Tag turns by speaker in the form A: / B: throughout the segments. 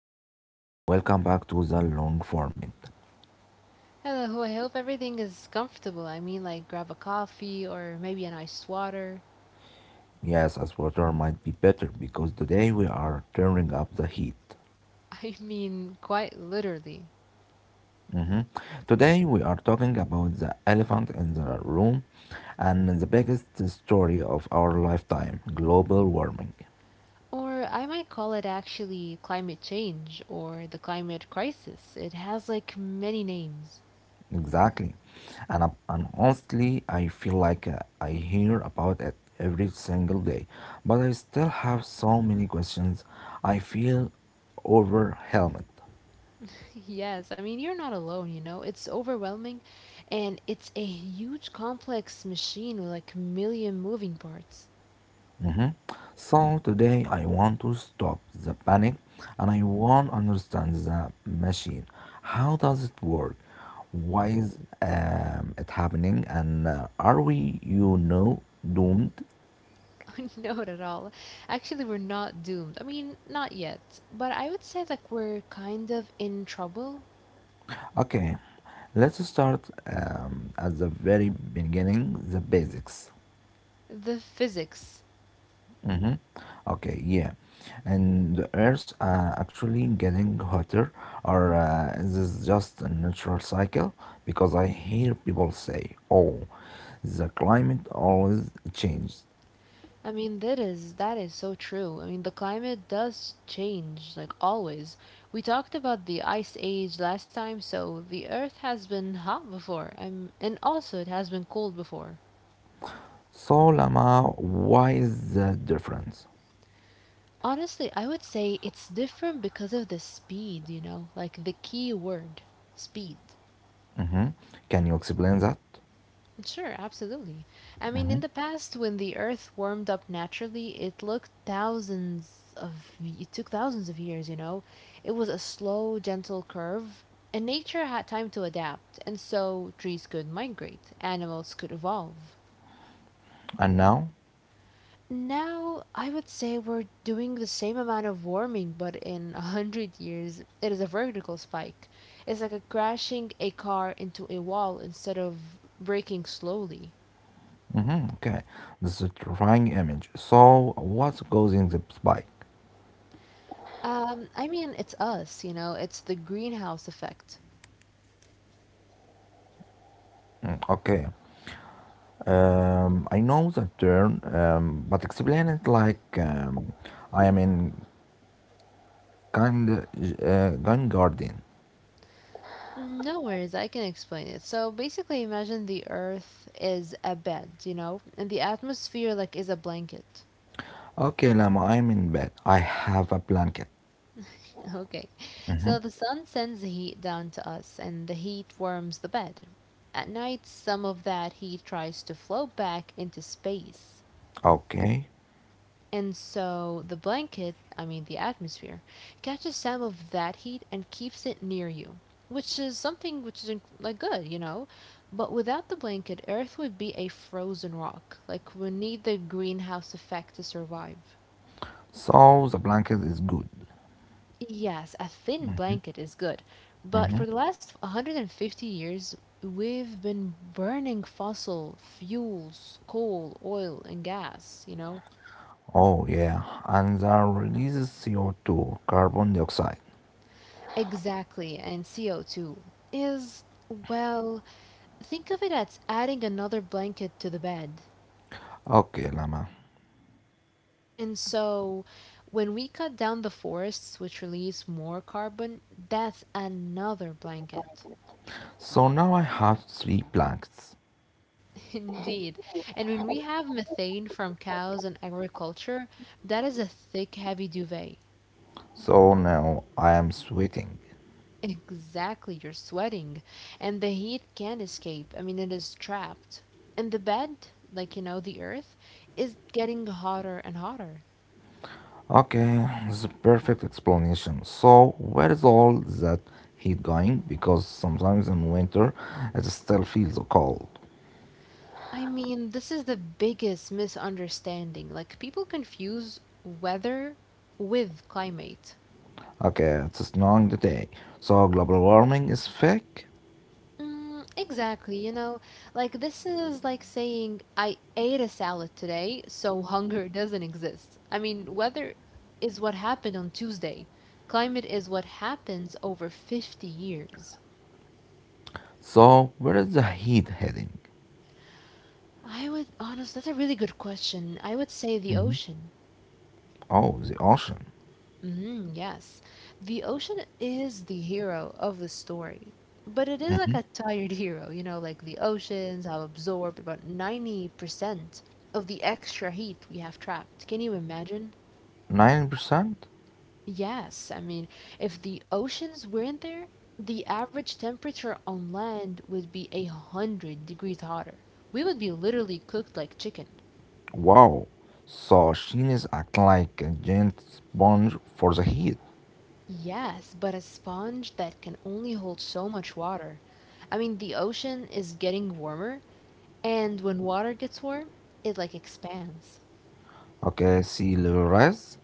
A: Hello everyone, welcome back to the long format.
B: Hello, I hope everything is comfortable. I mean, like, grab a coffee or maybe an iced water.
A: Yes, as water might be better because today we are turning up the heat.
B: I mean, quite literally.
A: Mhm. Today we are talking about the elephant in the room and the biggest story of our lifetime global warming.
B: Or I might call it actually climate change or the climate crisis. It has like many names.
A: Exactly. And honestly, I feel like I hear about it every single day, but I still have so many questions. I feel overwhelmed.
B: Yes, I mean, you're not alone, you know? It's overwhelming, and it's a huge complex machine with like a million moving parts.
A: Mm-hmm. So today I want to stop the panic and I want to understand the machine. How does it work? Why is it happening? And are we, doomed?
B: Not at all. Actually, we're not doomed. I mean, not yet. But I would say like we're kind of in trouble.
A: Okay, let's start at the very beginning, the basics.
B: The physics.
A: Mm-hmm. Okay, yeah. And the Earth actually getting hotter, or is this just a natural cycle? Because I hear people say, oh, the climate always changes.
B: I mean, that is so true. I mean, the climate does change, like always. We talked about the ice age last time, so the Earth has been hot before, and also it has been cold before.
A: So, Lama, why is the difference?
B: Honestly, I would say it's different because of the speed, like the key word, speed.
A: Mm-hmm. Can you explain that?
B: Sure, absolutely. I mean, in the past, when the Earth warmed up naturally, it took thousands of years. It was a slow, gentle curve, and nature had time to adapt, and so trees could migrate, animals could evolve.
A: And now?
B: Now, I would say we're doing the same amount of warming, but in 100 years, it is a vertical spike. It's like a crashing a car into a wall instead of breaking slowly.
A: Mm-hmm. Okay, this is a terrifying image. So, what's causing the spike?
B: I mean, it's us, it's the greenhouse effect.
A: Mm, okay. I know the term, but explain it like I am in kind gun garden.
B: No worries, I can explain it. So basically, imagine the Earth is a bed, and the atmosphere like is a blanket.
A: Okay, Lama, I am in bed. I have a blanket.
B: Okay, so the sun sends the heat down to us, and the heat warms the bed. At night, some of that heat tries to flow back into space.
A: Okay,
B: And so the blanket, I mean the atmosphere, catches some of that heat and keeps it near you, which is something which is like good. But without the blanket, Earth would be a frozen rock. Like we need the greenhouse effect to survive.
A: so the blanket is good.
B: Yes, a thin blanket is good, but for the last 150 years, we've been burning fossil fuels, coal, oil, and gas.
A: Oh yeah, and that releases CO2, carbon dioxide.
B: Exactly, and CO2 is, well, think of it as adding another blanket to the bed.
A: Okay, Lama.
B: And so, when we cut down the forests which release more carbon, that's another blanket.
A: So now I have three blankets.
B: Indeed. And when we have methane from cows and agriculture, that is a thick, heavy duvet.
A: So now I am sweating.
B: Exactly, you're sweating, and the heat can't escape. I mean, it is trapped. And the bed, like, the earth, is getting hotter and hotter.
A: Okay, it's a perfect explanation. So, where is all that heat going? Because sometimes in winter it still feels cold.
B: I mean, this is the biggest misunderstanding. Like, people confuse weather with climate.
A: Okay, it's snowing today. So, global warming is fake.
B: Mm, exactly. Like this is like saying I ate a salad today, so hunger doesn't exist. I mean, weather is what happened on Tuesday. Climate is what happens over 50 years.
A: So, where is the heat heading?
B: I would, honest, that's a really good question. I would say the
A: hmm
B: ocean.
A: Oh, the ocean.
B: Mm, yes. The ocean is the hero of the story, but it is
A: hmm
B: like a tired hero, like the oceans have absorbed about 90% of the extra heat we have trapped. Can you imagine?
A: 9%?
B: Yes, I mean, if the oceans weren't there, the average temperature on land would be 100 degrees hotter. We would be literally cooked like chicken.
A: Wow. So, she is acting like a giant sponge for the heat.
B: Yes, but a sponge that can only hold so much water. I mean, the ocean is getting warmer. And when water gets warm, it like expands.
A: Okay, sea level rise.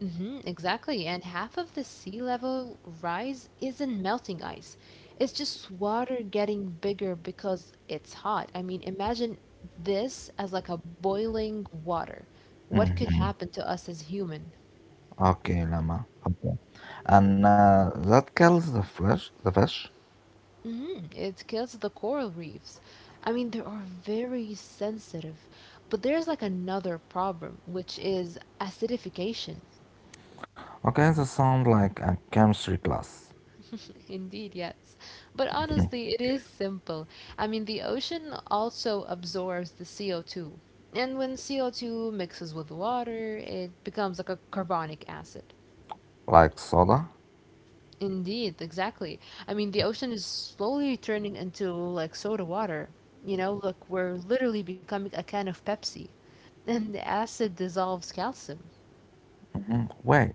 B: Hmm, exactly. And half of the sea level rise isn't melting ice. It's just water getting bigger because it's hot. I mean, imagine this as like a boiling water. What could happen to us as human?
A: Okay, llama. Okay. And that kills the flesh, the fish.
B: Hmm. It kills the coral reefs. I mean, they are very sensitive. But there's like another problem, which is acidification.
A: Okay, that sounds like a chemistry class.
B: Indeed, yes. But honestly, it is simple. I mean, the ocean also absorbs the CO2. And when CO2 mixes with water, it becomes like a carbonic acid.
A: Like soda.
B: Indeed, exactly. I mean, the ocean is slowly turning into like soda water. Look, we're literally becoming a can of Pepsi. And the acid dissolves calcium.
A: Wait,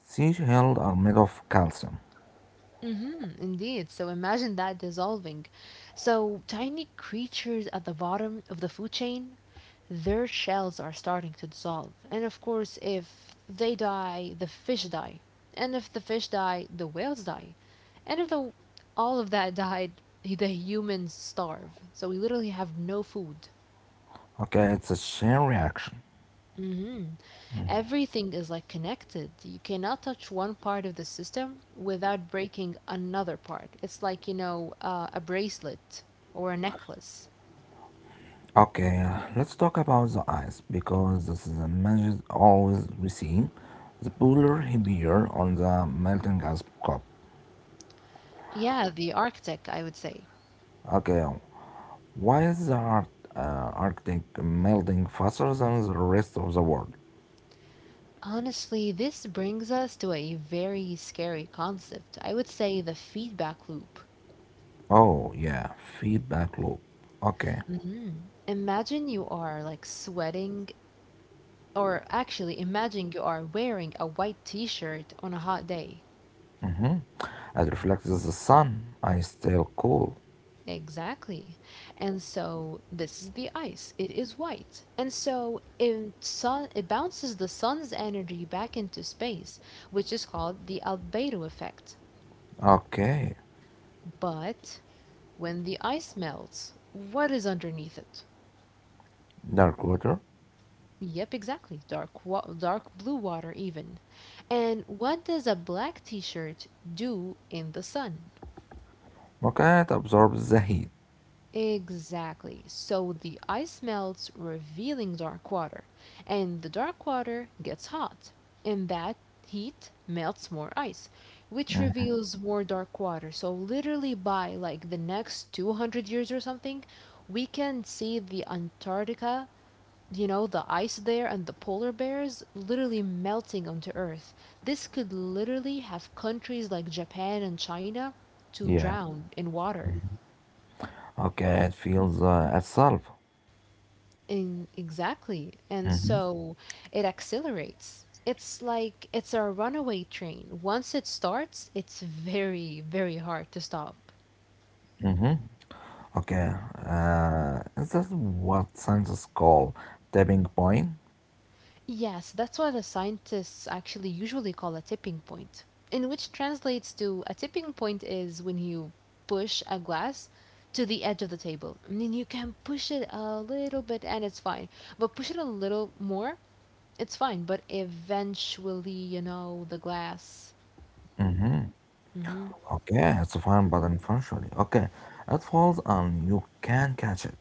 A: seashells are made of calcium.
B: Mm-hmm, indeed. So imagine that dissolving. So tiny creatures at the bottom of the food chain, their shells are starting to dissolve. And of course, if they die, the fish die. And if the fish die, the whales die. And if the, all of that died, the humans starve. So we literally have no food.
A: Okay, it's a chain reaction.
B: Hmm. Everything is like connected. You cannot touch one part of the system without breaking another part. It's like a bracelet or a necklace.
A: Okay, let's talk about the ice because this is a measure always we see. The polar heavier on the melting ice cup.
B: Yeah, the Arctic, I would say.
A: Okay, why is the Ar- uh, Arctic melting faster than the rest of the world?
B: Honestly, this brings us to a very scary concept. I would say the feedback loop.
A: Oh, yeah, feedback loop. Okay.
B: Mhm. Imagine you are like sweating, or actually, imagine you are wearing a white t shirt on a hot day.
A: Mm-hmm. As reflects the sun, I still cool.
B: Exactly. And so this is the ice. It is white. And so it bounces the sun's energy back into space, which is called the albedo effect.
A: Okay.
B: But when the ice melts, what is underneath it?
A: Dark water.
B: Yep, exactly. Dark blue water even. And what does a black t-shirt do in the sun?
A: Okay, it absorbs the heat.
B: Exactly. So the ice melts, revealing dark water, and the dark water gets hot. And that heat melts more ice, which reveals more dark water. So literally by like the next 200 years or something, we can see the Antarctica, the ice there and the polar bears literally melting onto Earth. This could literally have countries like Japan and China to
A: Yeah.
B: drown in water.
A: Okay, it feels itself.
B: In exactly. And so it accelerates. It's like it's a runaway train. Once it starts, it's very, very hard to stop.
A: Mm-hmm. Okay. Is that what scientists call tapping point?
B: Yes, that's what the scientists actually usually call a tipping point, in which translates to a tipping point is when you push a glass to the edge of the table. I mean, you can push it a little bit and it's fine, but push it a little more, it's fine, but eventually, the glass. Hmm.
A: Okay, it's a fine button functionally. Okay, it falls and you can catch it.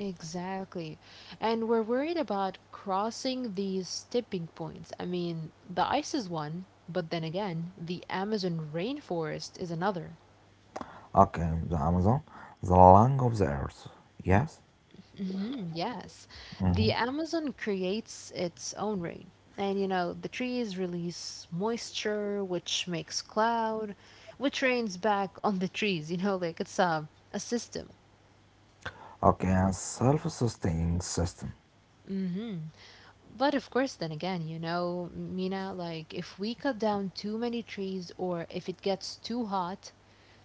B: Exactly. And we're worried about crossing these tipping points. I mean, the ice is one, but then again, the Amazon rainforest is another.
A: Okay, the Amazon, the lung of the earth. Yes?
B: Mhm, yes. The Amazon creates its own rain. And the trees release moisture, which makes cloud, which rains back on the trees, like it's a system.
A: Okay, a self-sustaining system.
B: Hmm. But of course, then again, Mina, like if we cut down too many trees or if it gets too hot,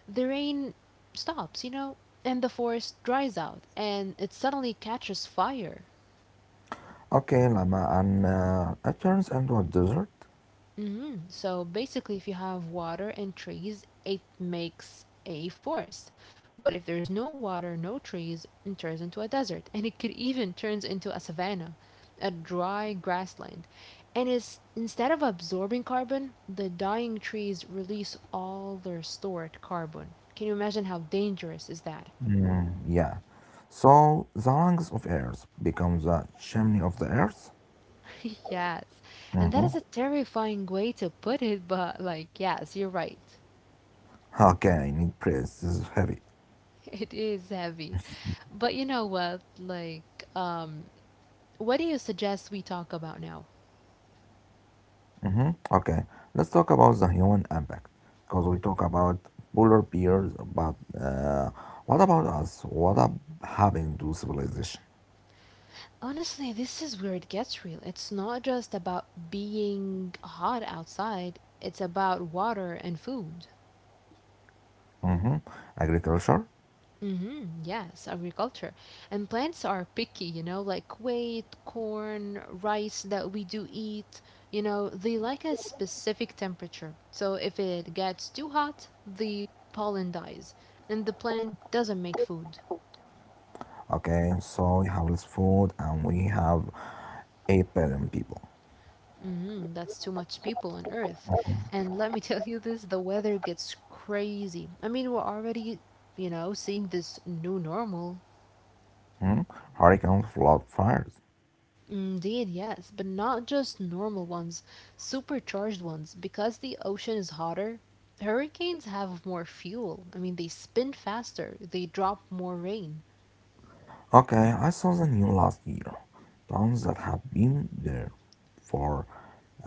B: the rain stops, and the forest dries out and it suddenly catches fire.
A: Okay, Lama, and it turns into a desert.
B: Hmm. So basically, if you have water and trees, it makes a forest. But if there's no water, no trees, it turns into a desert, and it could even turns into a savanna, a dry grassland. And is instead of absorbing carbon, the dying trees release all their stored carbon. Can you imagine how dangerous is that?
A: Yeah. So the lungs of earth become the chimney of the earth.
B: Yes. And that
A: Mm-hmm.
B: is a terrifying way to put it, but like, yes, you're right.
A: Okay, I need praise. This is heavy.
B: It is heavy. But you know what? Like, what do you suggest we talk about now?
A: Mm-hmm. Okay, let's talk about the human impact because we talk about polar bears, but what about us? What up happened to civilization?
B: Honestly, this is where it gets real. It's not just about being hot outside, it's about water and food.
A: Mm-hmm. Agriculture.
B: Mm-hmm, yes, agriculture. And plants are picky, like wheat, corn, rice that we do eat. They like a specific temperature. So if it gets too hot, the pollen dies and the plant doesn't make food.
A: Okay, so we have less food and we have 8 billion people.
B: Mhm, that's too much people on Earth. And let me tell you this, the weather gets crazy. I mean, we're already, seeing this new normal.
A: Hmm? Hurricane flood fires.
B: Indeed, yes, but not just normal ones, supercharged ones. Because the ocean is hotter, hurricanes have more fuel. I mean, they spin faster, they drop more rain.
A: Okay, I saw the news last year. Towns that have been there for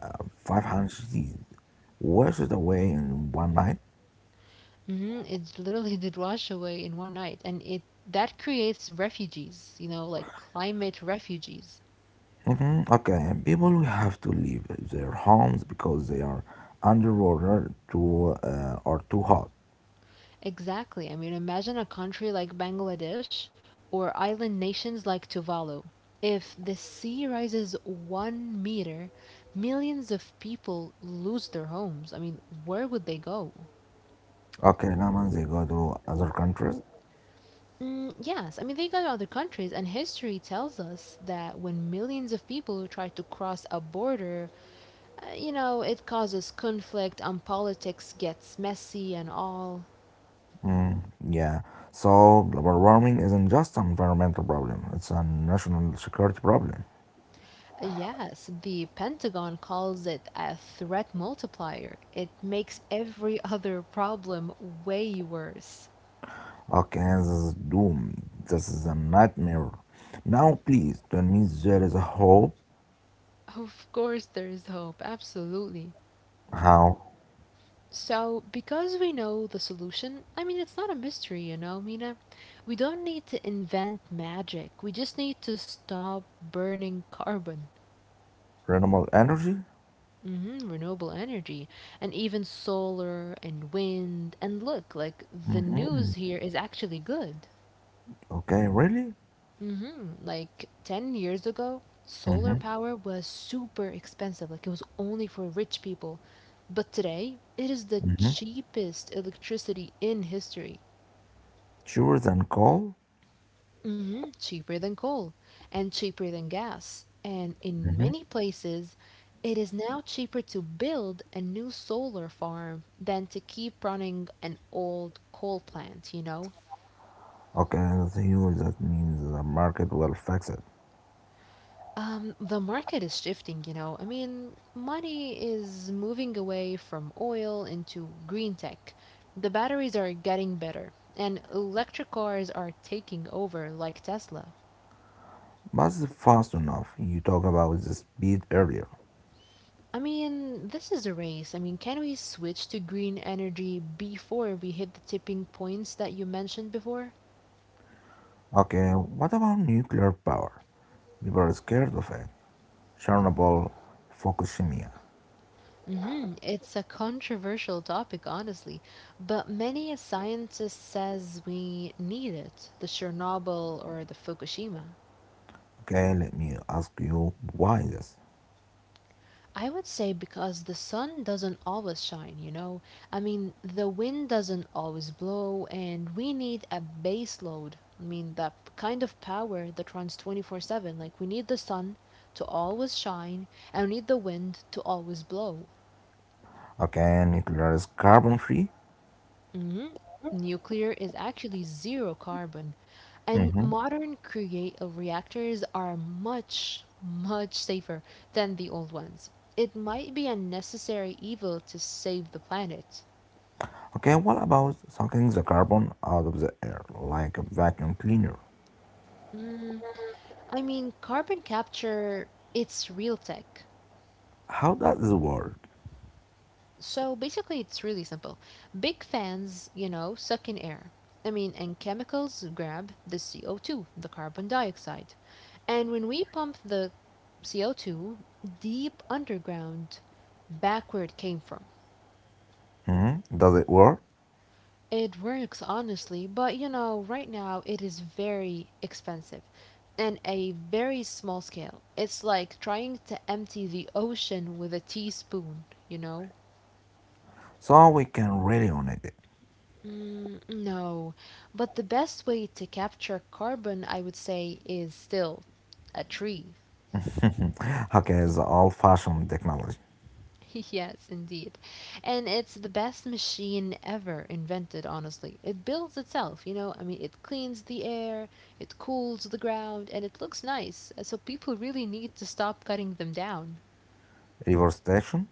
A: uh, 500 years washed away in one night.
B: Hmm. It literally did wash away in one night, and it that creates refugees, like climate refugees.
A: Mhm. Okay, people will have to leave their homes because they are underwater too or too hot.
B: Exactly. I mean, imagine a country like Bangladesh or island nations like Tuvalu. If the sea rises 1 meter, millions of people lose their homes. I mean, where would they go?
A: Okay, now man, they go to other countries.
B: Mm, yes, I mean, they go to other countries, and history tells us that when millions of people try to cross a border, it causes conflict and politics gets messy and all.
A: Yeah. So global warming isn't just an environmental problem, it's a national security problem.
B: Yes, the Pentagon calls it a threat multiplier. It makes every other problem way worse.
A: Okay, this is doom. This is a nightmare. Now please tell me there is a hope.
B: Of course, there is hope, absolutely.
A: How?
B: So, because we know the solution, I mean, it's not a mystery, Mina. We don't need to invent magic. We just need to stop burning carbon.
A: Renewable energy?
B: Hmm, renewable energy, and even solar and wind. And look, like, the
A: hmm
B: news here is actually good.
A: Okay, really?
B: Hmm. Like 10 years ago, solar
A: Mm-hmm.
B: power was super expensive. Like it was only for rich people. But today, it is the
A: Mm-hmm.
B: cheapest electricity in history.
A: Cheaper than coal?
B: Hmm. Cheaper than coal and cheaper than gas. And in
A: Mm-hmm.
B: many places, it is now cheaper to build a new solar farm than to keep running an old coal plant, you know?
A: Okay, that's huge. That means the market will fix it.
B: The market is shifting. I mean, money is moving away from oil into green tech. The batteries are getting better, and electric cars are taking over, like Tesla.
A: But it's fast enough. You talk about the speed earlier.
B: I mean, this is a race. I mean, can we switch to green energy before we hit the tipping points that you mentioned before?
A: Okay, what about nuclear power? People are scared of it. Chernobyl, Fukushima.
B: It's a controversial topic, honestly, but many a scientist says we need it, the Chernobyl or the Fukushima.
A: Okay, let me ask you why this?
B: I would say because the sun doesn't always shine. I mean, the wind doesn't always blow, and we need a base load. I mean, that kind of power that runs 24/7. Like, we need the sun to always shine, and we need the wind to always blow.
A: Okay, nuclear is carbon free.
B: hmm Nuclear is actually zero carbon, and
A: hmm
B: modern create reactors are much, much safer than the old ones. It might be a necessary evil to save the planet.
A: Okay, what about sucking the carbon out of the air like a vacuum cleaner?
B: Mm, I mean, carbon capture, it's real tech.
A: How does it work?
B: So basically, it's really simple. Big fans, suck in air. I mean, and chemicals grab the CO2, the carbon dioxide. And when we pump the CO2 deep underground, back where it came from.
A: Does it work?
B: It works honestly, but right now it is very expensive and a very small scale. It's like trying to empty the ocean with a teaspoon, you know?
A: So we can really on it.
B: No, but the best way to capture carbon, I would say, is still a tree.
A: Okay, the old fashioned technology.
B: Yes, indeed. And it's the best machine ever invented, honestly. It builds itself, you know? I mean, it cleans the air, it cools the ground, and it looks nice. So people really need to stop cutting them down.
A: Reverse station.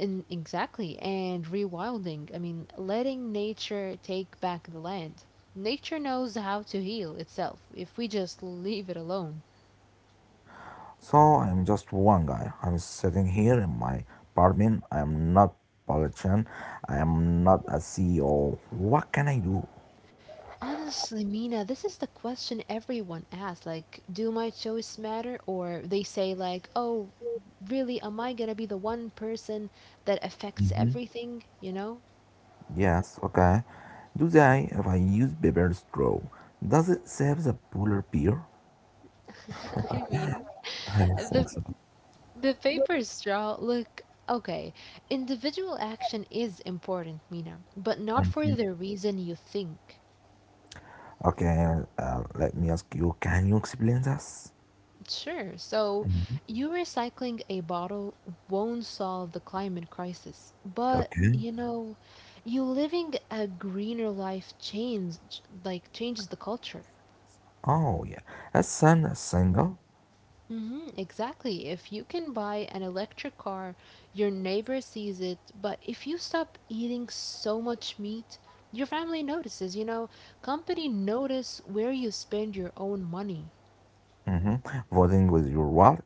B: And exactly, and rewilding. I mean, letting nature take back the land. Nature knows how to heal itself if we just leave it alone.
A: So I'm just one guy. I'm sitting here in my apartment. I am not politician. I am not a CEO. What can I do?
B: Honestly, Mina, this is the question everyone asks. Like, do my choice matter? Or they say, like, oh, really am I gonna be the one person that affects everything, you know?
A: Yes, okay. Do they if I use paper straw? Does it save the polar beer?
B: I mean,
A: I
B: the
A: think so.
B: the paper straw, look, okay, individual action is important, Mina, but not for the reason you think.
A: Okay, let me ask you. Can you explain this?
B: Sure, so you recycling a bottle won't solve the climate crisis, but
A: Okay.
B: you living a greener life changes the culture.
A: Oh yeah, a son is single.
B: Hmm, exactly. If you can buy an electric car, your neighbor sees it, but if you stop eating so much meat, your family notices. Company notice where you spend your own money.
A: hmm Voting with your wallet.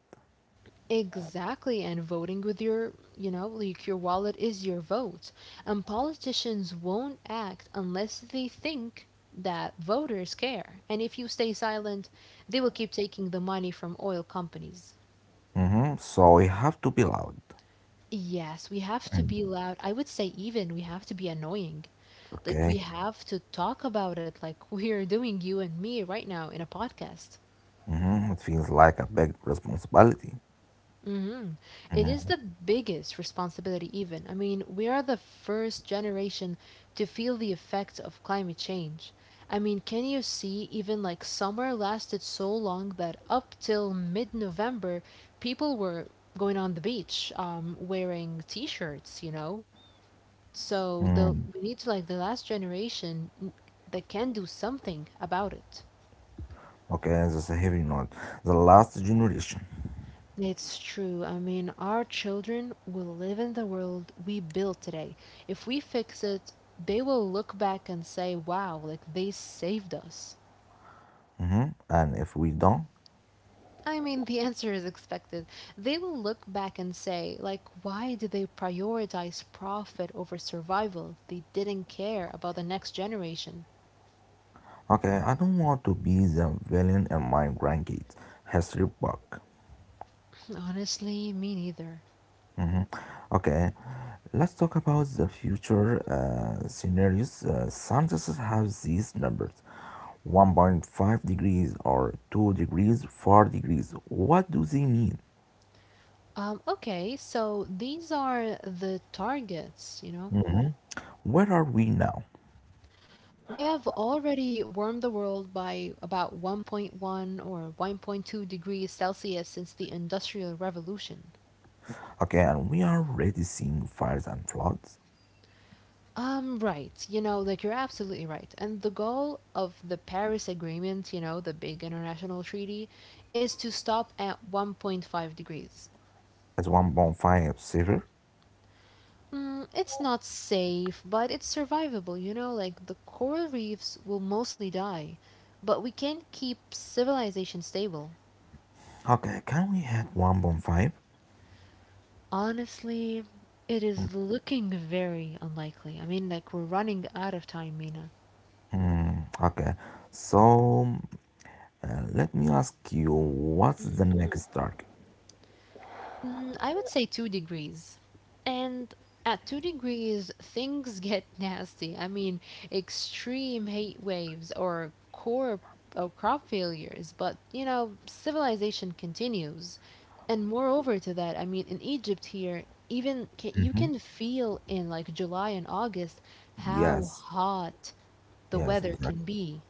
B: Exactly, and voting with your, like your wallet is your vote. And politicians won't act unless they think that voters care. And if you stay silent, they will keep taking the money from oil companies.
A: So you have to be loud.
B: Yes, we have to be
A: Mm.
B: loud. I would say even we have to be annoying. Like we
A: Okay.
B: have to talk about it like we're doing you and me right now in a podcast.
A: It feels like a big responsibility.
B: Mhm. It is the biggest responsibility even. I mean, we are the first generation to feel the effects of climate change. I mean, can you see even like summer lasted so long that up till mid-November, people were going on the beach wearing t-shirts. So
A: Mhm.
B: the we need like the last generation that can do something about it.
A: Okay, that's a heavy note. The last generation.
B: It's true. I mean, our children will live in the world we build today. If we fix it, they will look back and say, wow, like they saved us.
A: And if we don't,
B: I mean, the answer is expected. They will look back and say, like, why did they prioritize profit over survival? They didn't care about the next generation.
A: okay, I don't want to be the villain in my grandkids' history book.
B: Honestly, me neither.
A: Mhm. Okay, let's talk about the future scenarios. Scientists have these numbers 1.5 degrees or 2 degrees, 4 degrees. What do they mean?
B: Okay, so these are the targets.
A: Where are we now?
B: We have already warmed the world by about 1.1 or 1.2 degrees Celsius since the Industrial Revolution.
A: Okay, and we are already seeing fires and floods.
B: Right, like you're absolutely right. And the goal of the Paris Agreement, the big international treaty, is to stop at 1.5 degrees.
A: It's 1.5 silver.
B: It's not safe, but it's survivable, you know? Like, the coral reefs will mostly die, but we can keep civilization stable.
A: Okay, can we hit 1.5?
B: Honestly, it is looking very unlikely. I mean, like, we're running out of time, Mina.
A: Okay, so let me ask you, what's the next target?
B: I would say 2 degrees. And at 2 degrees, things get nasty. I mean, extreme heat waves or core or crop failures, but civilization continues. And moreover to that, I mean, in Egypt here, even ca you
A: Mm-hmm.
B: can feel in like July and August how
A: Yes,
B: hot the
A: yes,
B: weather
A: exactly.
B: can be.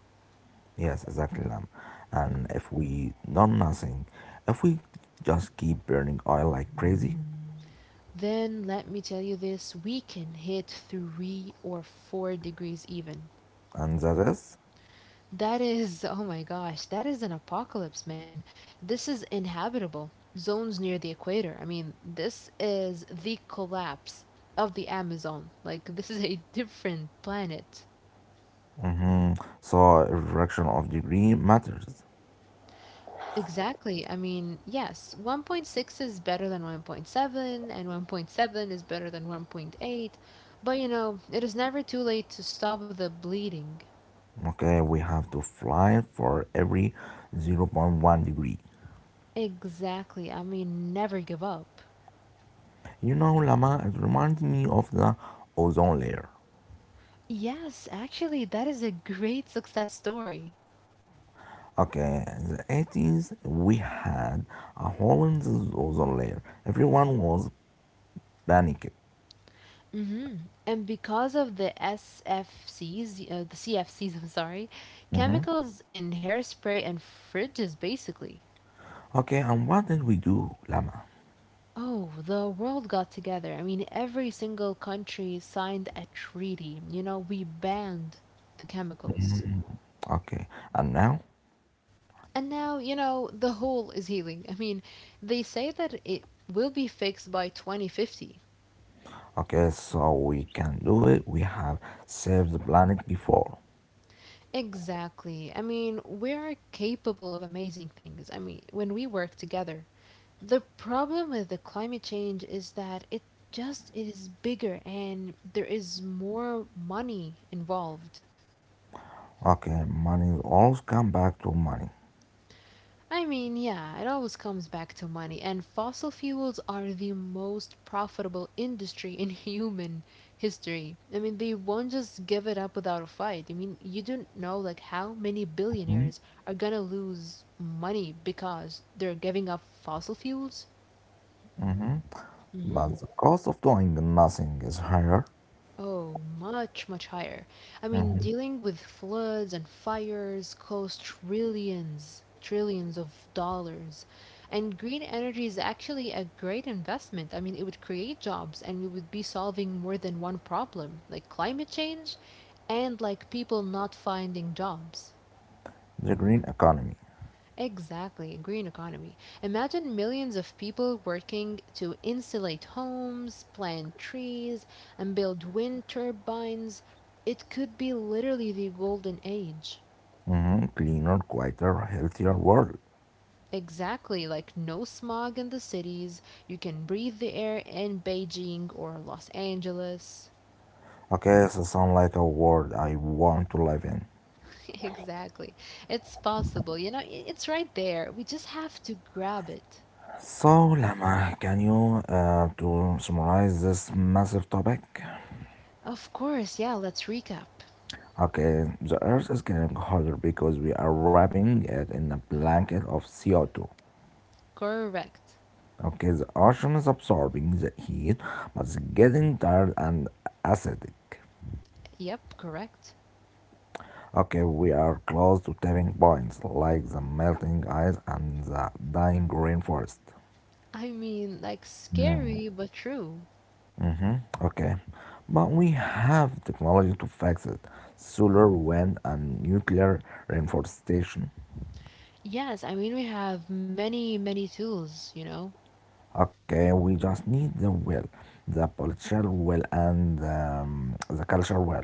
A: Yes, exactly, Lam. And if we do nothing, if we just keep burning oil like crazy,
B: Then let me tell you this, we can hit 3 or 4 degrees even.
A: and that is,
B: That is, oh my gosh, that is an apocalypse, man. This is inhabitable. Zones near the equator. I mean, this is the collapse of the Amazon. Like, this is a different planet.
A: mm-hmm, so reduction of degree matters.
B: Exactly. I mean, yes, 1.6 is better than 1.7, and 1.7 is better than 1.8. But it is never too late to stop the bleeding.
A: Okay, we have to fly for every zero point 0.1 degree.
B: Exactly. I mean, never give up.
A: You know, Lama, it reminds me of the ozone layer.
B: Yes, actually, that is a great success story.
A: Okay, in the '80s we had a hole in the ozone layer. Everyone was panicked.
B: hmm And because of the SFCs, the CFCs, I'm sorry, chemicals in hairspray and fridges, basically.
A: Okay, and what did we do, Lama?
B: Oh, the world got together. I mean, every single country signed a treaty. We banned the chemicals.
A: Okay, and now?
B: And now, the hole is healing. I mean, they say that it will be fixed by 2050.
A: Okay, so we can do it. We have saved the planet before.
B: Exactly. I mean, we are capable of amazing things. I mean, when we work together, the problem with the climate change is that it just is bigger and there is more money involved.
A: Okay, money always come back to money.
B: I mean, yeah, it always comes back to money, and fossil fuels are the most profitable industry in human history. I mean, they won't just give it up without a fight. I mean, you don't know like how many
A: Mhm.
B: billionaires are gonna lose money because they're giving up fossil fuels.
A: But the cost of doing nothing is higher.
B: Oh, much, much higher. I mean,
A: Mm-hmm.
B: dealing with floods and fires costs trillions, trillions of dollars. And green energy is actually a great investment. I mean, it would create jobs and we would be solving more than one problem, like climate change and like people not finding jobs.
A: The green economy.
B: Exactly, green economy. Imagine millions of people working to insulate homes, plant trees, and build wind turbines. It could be literally the golden age.
A: Cleaner, quieter, healthier world.
B: Exactly, like no smog in the cities. You can breathe the air in Beijing or Los Angeles.
A: Okay, so sound like a world I want to live in.
B: Exactly. It's possible. It's right there. We just have to grab it.
A: So, Lama, can you to summarize this massive topic?
B: Of course, yeah, let's recap.
A: Okay, the Earth is getting hotter because we are wrapping it in a blanket of CO2.
B: Correct.
A: Okay, the ocean is absorbing the heat, but it's getting tired and acidic.
B: Yep, correct.
A: Okay, we are close to tipping points like the melting ice and the dying rainforest.
B: I mean, like
A: Hmm.
B: scary but true.
A: Mm-hmm. Okay, but we have technology to fix it solar, wind, and nuclear reforestation.
B: Yes, I mean, we have many, many tools, you know?
A: Okay, we just need the will, the political will, and the cultural will.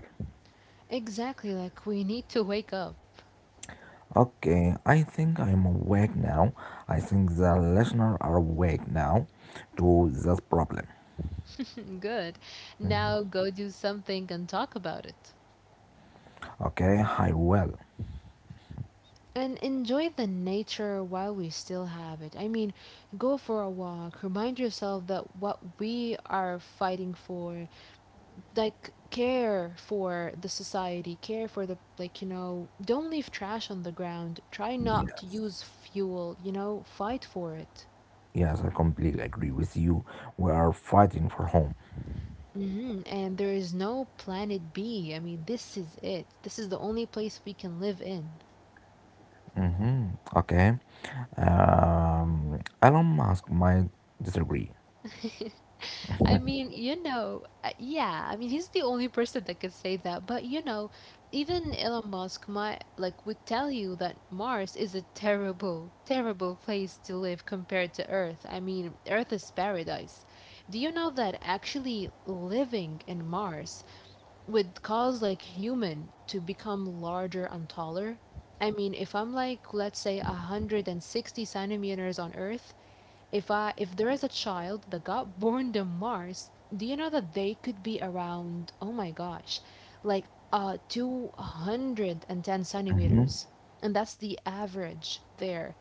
B: Exactly, like we need to wake up.
A: Okay, I think I'm awake now. I think the listeners are awake now to this problem.
B: Good. Now go do something and talk about it.
A: Okay, I will.
B: And enjoy the nature while we still have it. I mean, go for a walk, remind yourself that what we are fighting for, like, care for the society, care for the, like, don't leave trash on the ground, try not to use fuel, fight for it.
A: Yes, I completely agree with you. We are fighting for home.
B: And there is no planet B. I mean, this is it. This is the only place we can live in.
A: Okay. Elon Musk might disagree.
B: I mean, yeah, I mean, he's the only person that could say that. But even Elon Musk might like would tell you that Mars is a terrible, terrible place to live compared to Earth. I mean, Earth is paradise. Do you know that actually living in Mars would cause like human to become larger and taller? I mean, if I'm like, let's say, 160 centimeters on Earth, if there is a child that got born to Mars, do you know that they could be around, oh my gosh, like 210
A: hmm
B: centimeters. And that's the average there.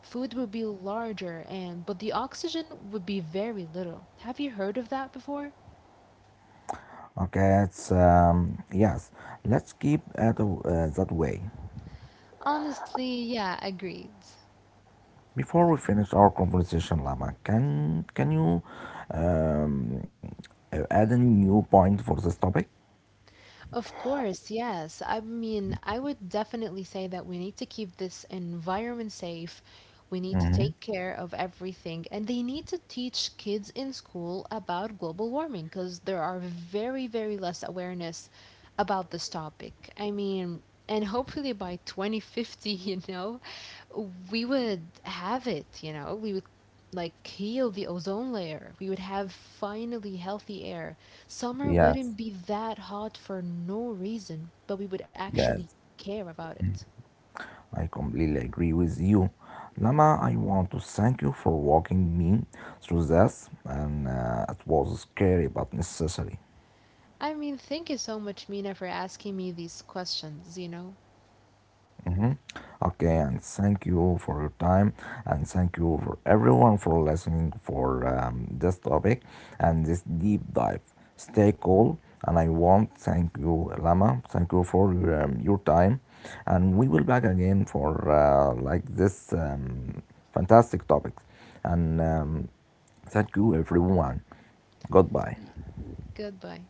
B: Food would be larger and but the oxygen would be very little. Have you heard of that before?
A: Okay, it's yes. Let's keep it that way.
B: Honestly, yeah, agreed.
A: Before we finish our conversation, Lama, can you um, add a new point for this topic?
B: Of course, yes. I mean, I would definitely say that we need to keep this environment safe. We need to take care of everything. And they need to teach kids in school about global warming because there are very, very less awareness about this topic. I mean, and hopefully by 2050, we would have it, we would like heal the ozone layer. We would have finally healthy air. Summer
A: Yes,
B: wouldn't be that hot for no reason, but we would actually
A: yes.
B: care about it.
A: I completely agree with you. Lama, I want to thank you for walking me through this, and it was scary but necessary.
B: I mean, thank you so much, Mina, for asking me these questions, you know?
A: Mhm. Okay, and thank you for your time, and thank you for everyone for listening for this topic and this deep dive. Stay cool, and I want thank you, Lama. Thank you for your time, and we will back again for like this fantastic topic, and. Thank you, everyone.
B: Y-
A: Goodbye.
B: Goodbye.